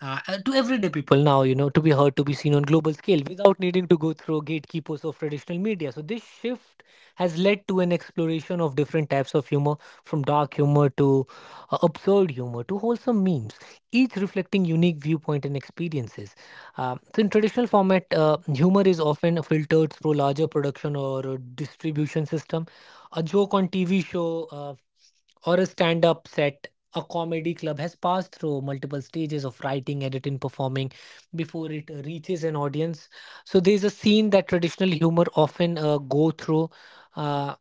uh, and to everyday people now, you know, to be heard, to be seen on global scale without needing to go through gatekeepers of traditional media. So, this shift has led to an exploration of different types of humor, from dark humor to uh, absurd humor to wholesome memes, each reflecting unique viewpoint and experiences. Um so, in traditional format, uh, humor is often filtered through larger production or uh, distribution system. A joke on T V show. Uh, or a stand up set. A comedy club has passed through multiple stages of writing, editing, performing before it reaches an audience. So there's a scene that traditional humor often uh, go through. Uh,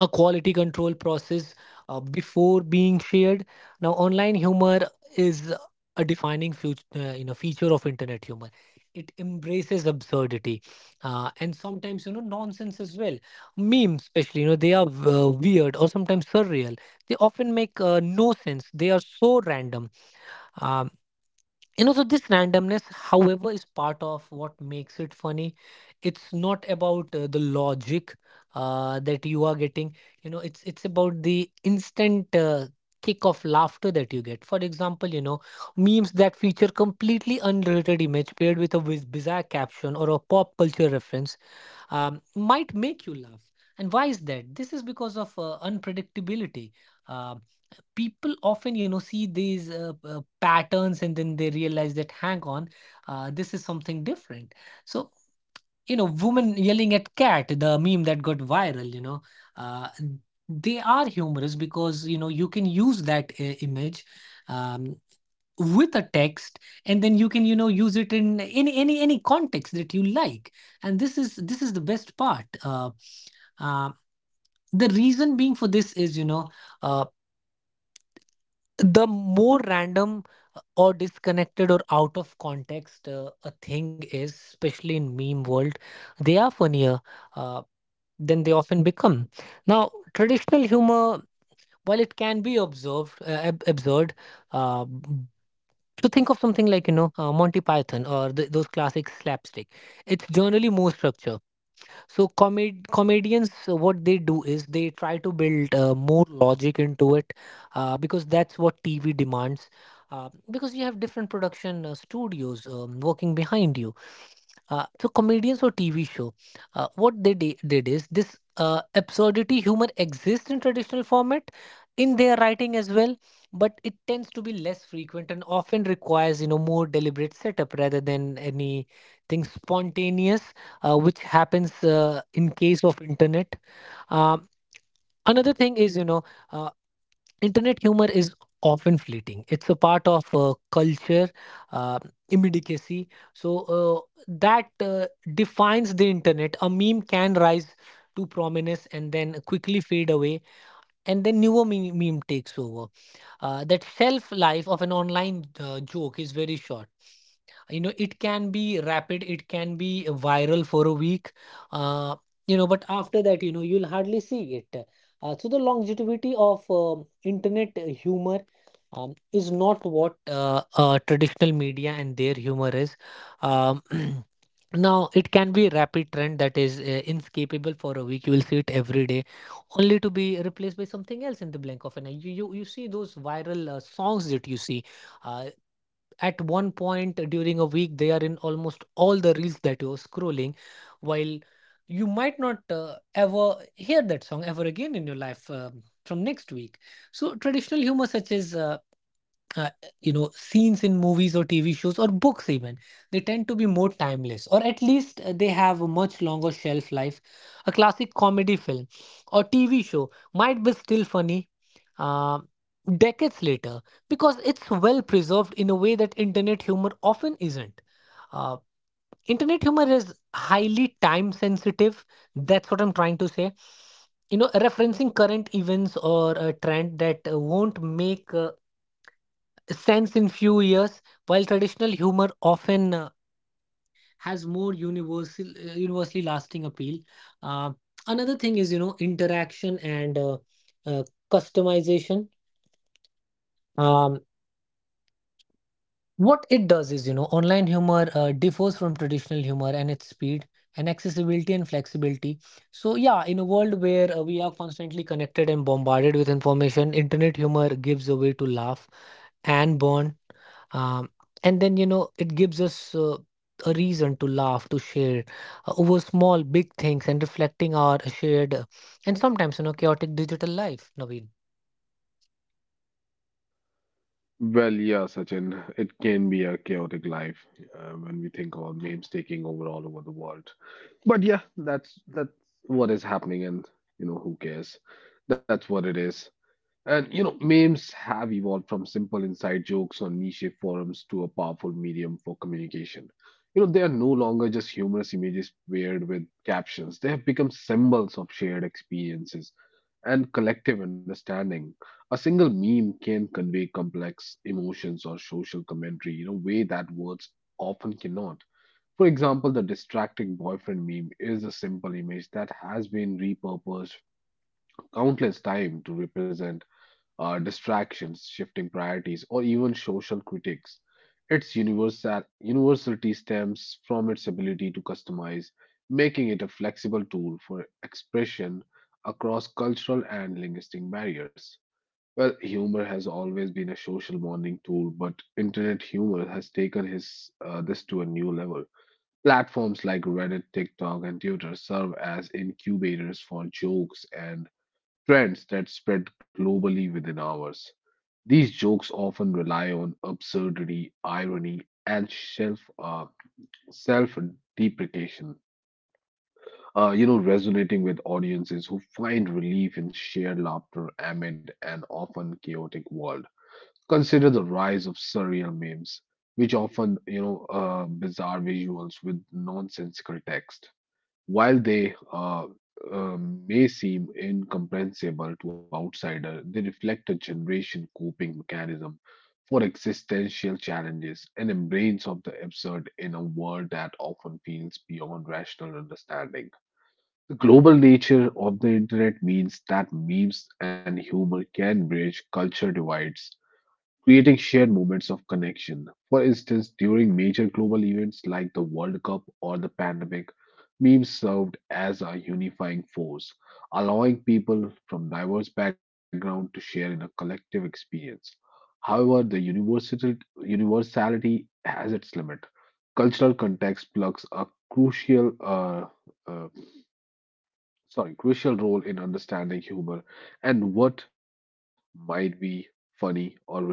a quality control process uh, before being shared. Now online humor is a defining future uh, you know feature of internet humor. It embraces absurdity uh, and sometimes, you know nonsense as well. Memes especially, you know they are uh, weird or sometimes surreal. They often make uh, no sense. They are so random. Um, you know, so this randomness, however, is part of what makes it funny. It's not about uh, the logic uh, that you are getting. You know, it's it's about the instant uh, kick of laughter that you get. For example, you know, memes that feature completely unrelated image paired with a wiz- bizarre caption or a pop culture reference um, might make you laugh. And why is that? This is because of uh, unpredictability. Um People often, you know, see these uh, uh, patterns and then they realize that, hang on, uh, this is something different. So, you know, woman yelling at cat, the meme that got viral, you know, uh, they are humorous because, you know, you can use that uh, image. Um, with a text and then you can, you know use it in any any any context that you like. And this is this is the best part. Uh, uh the reason being for this is, you know uh the more random uh, or disconnected or out of context uh, a thing is, especially in meme world, they are funnier uh, than they often become. Now traditional humor, while it can be observed uh, ab- absurd, uh, So think of something like, you know, uh, Monty Python or th those classic slapstick. It's generally more structure. So comed comedians, uh, what they do is they try to build uh, more logic into it uh, because that's what T V demands. Uh, because you have different production uh, studios um, working behind you. Uh, so comedians or T V show, uh, what they di- did is this uh, absurdity humor exists in traditional format in their writing as well, but it tends to be less frequent and often requires, you know more deliberate setup rather than anything spontaneous, uh, which happens uh, in case of internet. Um, Another thing is, you know. uh, internet humor is often fleeting. It's a part of uh, culture, uh, immediacy. So uh, that uh, defines the internet. A meme can rise to prominence and then quickly fade away, and then newer meme, meme takes over. Uh, that shelf life of an online uh, joke is very short. You know it can be rapid. It can be viral for a week. uh, you know but after that, you know you'll hardly see it. Uh, so the longevity of um, internet humor um, is not what uh, uh, traditional media and their humor is. um, Now it can be a rapid trend that is uh, inescapable for a week. You will see it every day, only to be replaced by something else in the blink of an eye. You you, you see those viral uh, songs that you see. Uh, at one point during a week they are in almost all the reels that you're scrolling, while you might not uh, ever hear that song ever again in your life um from next week. So traditional humor such as uh, uh, you know scenes in movies or T V shows or books even, they tend to be more timeless, or at least uh, they have a much longer shelf life. A classic comedy film or T V show might be still funny uh, decades later because it's well preserved in a way that internet humor often isn't. uh, Internet humor is highly time sensitive, that's what I'm trying to say. You know referencing current events or a trend that uh, won't make uh, the sense in few years, while traditional humor often uh, has more universal, uh, universally lasting appeal. Uh, Another thing is, you know, interaction and uh, uh, customization. Um, What it does is, you know, online humor uh, differs from traditional humor and its speed and accessibility and flexibility. So, yeah, in a world where uh, we are constantly connected and bombarded with information, internet humor gives a way to laugh and bond. Um, and then, you know, it gives us uh, a reason to laugh, to share uh, over small, big things and reflecting our shared, uh, and sometimes, you know, chaotic digital life, Naveen. Well, yeah, Sachin, it can be a chaotic life uh, when we think about memes taking over all over the world. But yeah, that's that's what is happening, and you know, who cares? That's what it is. And you know, memes have evolved from simple inside jokes on niche forums to a powerful medium for communication. You know, they are no longer just humorous images paired with captions. They have become symbols of shared experiences and collective understanding. A single meme can convey complex emotions or social commentary in a way that words often cannot. For example, the distracting boyfriend meme is a simple image that has been repurposed countless times to represent uh, distractions, shifting priorities, or even social critics. Its universal, universality stems from its ability to customize, making it a flexible tool for expression across cultural and linguistic barriers. Well, humor has always been a social bonding tool, but internet humor has taken his, uh, this to a new level. Platforms like Reddit, TikTok, and Twitter serve as incubators for jokes and trends that spread globally within hours. These jokes often rely on absurdity, irony, and self uh, self deprecation, uh, you know, resonating with audiences who find relief in shared laughter amid an often chaotic world. Consider the rise of surreal memes, which often, you know, uh, bizarre visuals with nonsensical text. While they uh, uh, may seem incomprehensible to outsider, they reflect a generation coping mechanism for existential challenges and embrace of the absurd in a world that often feels beyond rational understanding. The global nature of the internet means that memes and humor can bridge culture divides creating shared moments of connection. For instance, during major global events like the World Cup or the pandemic, memes served as a unifying force, allowing people from diverse backgrounds to share in a collective experience. However, the universal, universality has its limit. Cultural context plugs a crucial uh, uh, sorry, crucial role in understanding humor, and what might be funny or relatable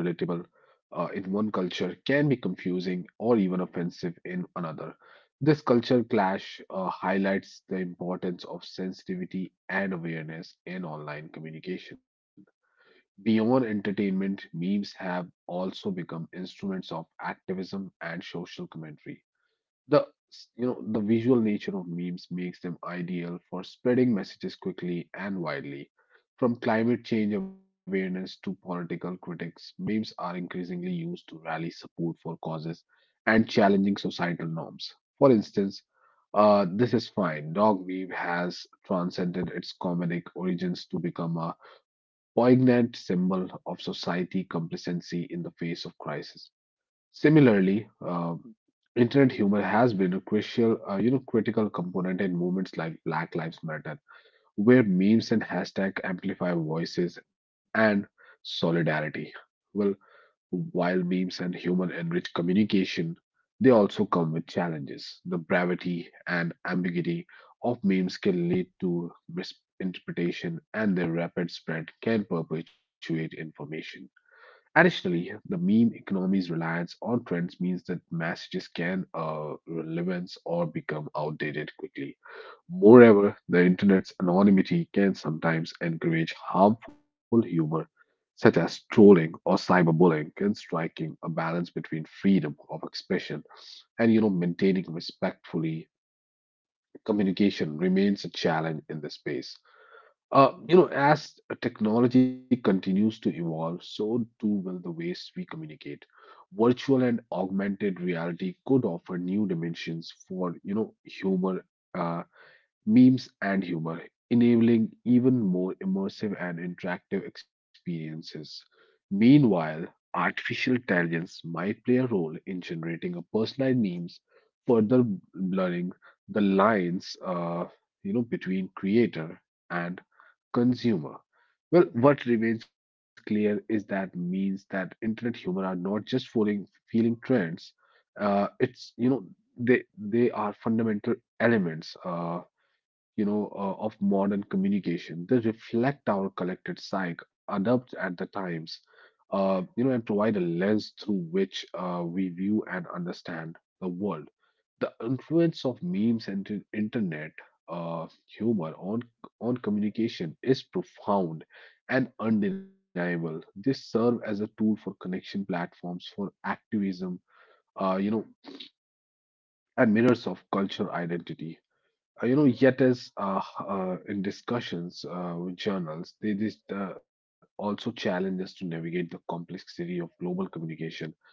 uh, in one culture can be confusing or even offensive in another. This culture clash uh, highlights the importance of sensitivity and awareness in online communication. Beyond entertainment, memes have also become instruments of activism and social commentary. The you know the visual nature of memes makes them ideal for spreading messages quickly and widely. From climate change awareness to political critics, memes are increasingly used to rally support for causes and challenging societal norms. For instance, uh, this is fine. Dog meme has transcended its comedic origins to become a poignant symbol of society complacency in the face of crisis. Similarly, uh, internet humor has been a crucial, uh, you know, critical component in movements like Black Lives Matter, where memes and hashtag amplify voices and solidarity. Well, while memes and humor enrich communication, they also come with challenges. The brevity and ambiguity of memes can lead to misinterpretation, and their rapid spread can perpetuate information. Additionally, the meme economy's reliance on trends means that messages can uh, relevance or become outdated quickly. Moreover, the internet's anonymity can sometimes encourage harmful humor, such as trolling or cyberbullying, can striking a balance between freedom of expression and you know maintaining respectfully communication remains a challenge in this space. Uh, you know, as technology continues to evolve, so too will the ways we communicate. Virtual and augmented reality could offer new dimensions for, you know, humor, uh, memes and humor, enabling even more immersive and interactive experiences. Meanwhile, artificial intelligence might play a role in generating a personalized memes, further blurring the lines, uh, you know, between creator and consumer. Well, what remains clear is that means that internet humor are not just following feeling trends. Uh, it's you know they they are fundamental elements uh, you know uh, of modern communication. They reflect our collected psyche, adapt at the times, uh, you know, and provide a lens through which uh, we view and understand the world. The influence of memes and the internet uh, humor on on communication is profound and undeniable. They serve as a tool for connection platforms for activism, uh, you know, and mirrors of cultural identity, uh, you know, yet as uh, uh, in discussions uh, with journals, they, they uh, also challenge us to navigate the complexity of global communication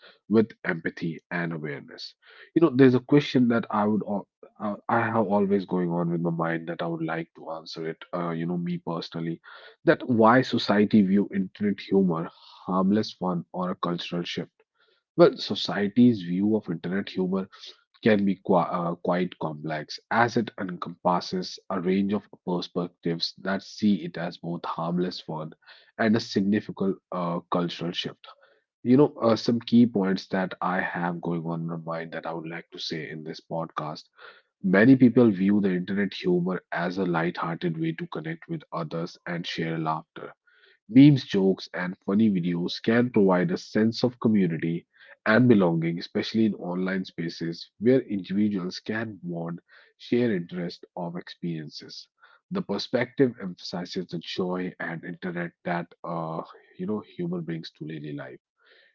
with empathy and awareness. You know, there's a question that I would, al- uh, I have always going on with my mind that I would like to answer it. Uh, you know, me personally, that why society view internet humor harmless fun or a cultural shift. Well, society's view of internet humor can be qui- uh, quite complex as it encompasses a range of perspectives that see it as both harmless fun and a significant uh, cultural shift. You know, uh, some key points that I have going on in my mind that I would like to say in this podcast. Many people view the internet humor as a light-hearted way to connect with others and share laughter. Memes, jokes, and funny videos can provide a sense of community and belonging, especially in online spaces where individuals can bond, share interests, or experiences. The perspective emphasizes the joy and internet that uh, you know humor brings to daily life.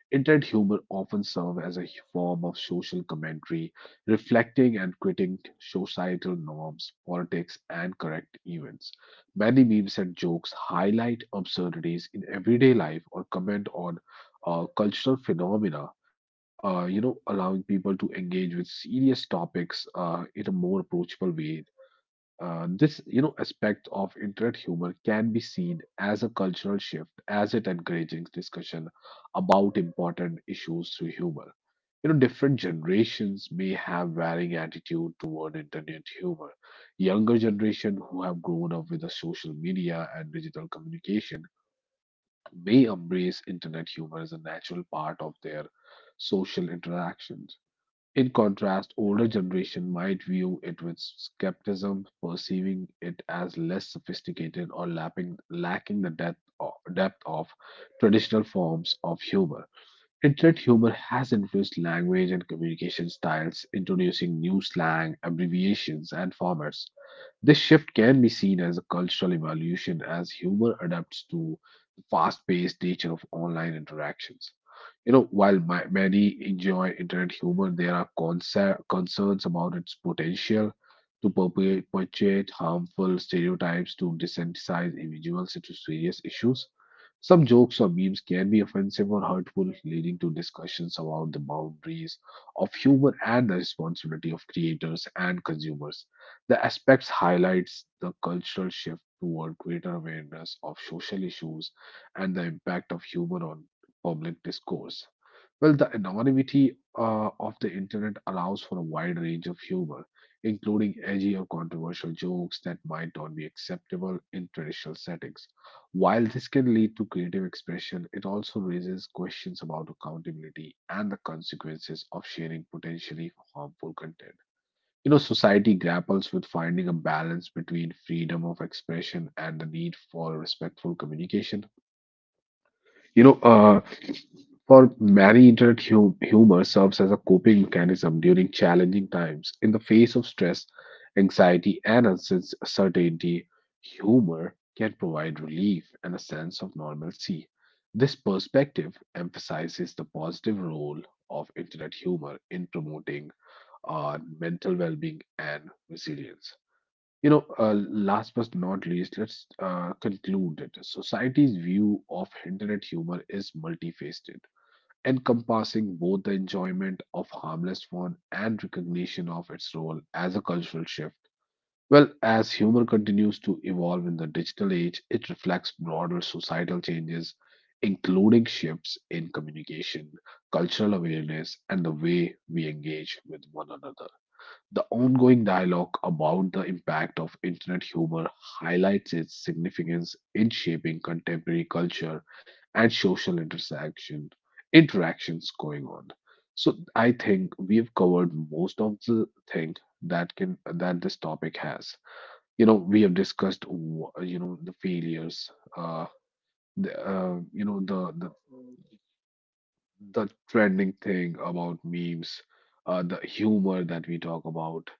Internet humor often serves as a form of social commentary, reflecting and critiquing societal norms, politics, and current events. Many memes and jokes highlight absurdities in everyday life or comment on uh, cultural phenomena, uh, you know, allowing people to engage with serious topics uh, in a more approachable way. Uh, this you know aspect of internet humor can be seen as a cultural shift as it encourages discussion about important issues through humor. You know, different generations may have varying attitude toward internet humor. Younger generation who have grown up with the social media and digital communication may embrace internet humor as a natural part of their social interactions. In contrast, older generation might view it with skepticism, perceiving it as less sophisticated or lapping, lacking the depth of, depth of traditional forms of humor. Internet humor has influenced language and communication styles, introducing new slang, abbreviations, and formats. This shift can be seen as a cultural evolution as humor adapts to the fast-paced nature of online interactions. You know, while my, many enjoy internet humor, there are concer- concerns about its potential to perpe- perpetuate harmful stereotypes to desensitize individuals to serious issues. Some jokes or memes can be offensive or hurtful, leading to discussions about the boundaries of humor and the responsibility of creators and consumers. The aspects highlights the cultural shift toward greater awareness of social issues and the impact of humor on public discourse. Well, the anonymity uh, of the internet allows for a wide range of humor, including edgy or controversial jokes that might not be acceptable in traditional settings. While this can lead to creative expression, it also raises questions about accountability and the consequences of sharing potentially harmful content. You know, society grapples with finding a balance between freedom of expression and the need for respectful communication. You know, uh, for many, internet hu- humor serves as a coping mechanism during challenging times. In the face of stress, anxiety, and uncertainty, humor can provide relief and a sense of normalcy. This perspective emphasizes the positive role of internet humor in promoting uh, mental well being and resilience. You know, uh, last but not least, let's uh, conclude that society's view of internet humor is multifaceted, encompassing both the enjoyment of harmless fun and recognition of its role as a cultural shift. Well, as humor continues to evolve in the digital age, it reflects broader societal changes, including shifts in communication, cultural awareness, and the way we engage with one another. The ongoing dialogue about the impact of internet humor highlights its significance in shaping contemporary culture and social intersection interactions going on. So I think we've covered most of the thing that can that this topic has. You know, we have discussed wh- you know the failures, uh, the uh, you know the the the trending thing about memes, uh, the humor that we talk about,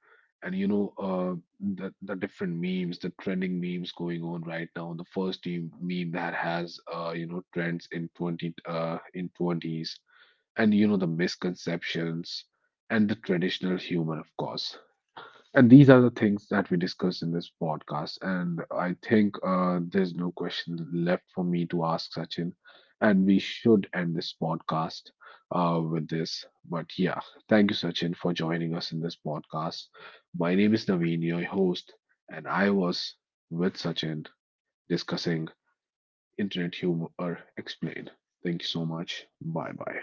and you know, uh, the the different memes, the trending memes going on right now. The first team meme that has, uh, you know, trends in twenty, uh, in twenties, and you know the misconceptions and the traditional humor, of course. And these are the things that we discussed in this podcast. And I think uh, there's no question left for me to ask Sachin. And we should end this podcast uh, with this. But yeah, thank you, Sachin, for joining us in this podcast. My name is Naveen, your host. And I was with Sachin discussing Internet Humor Explained. Thank you so much. Bye bye.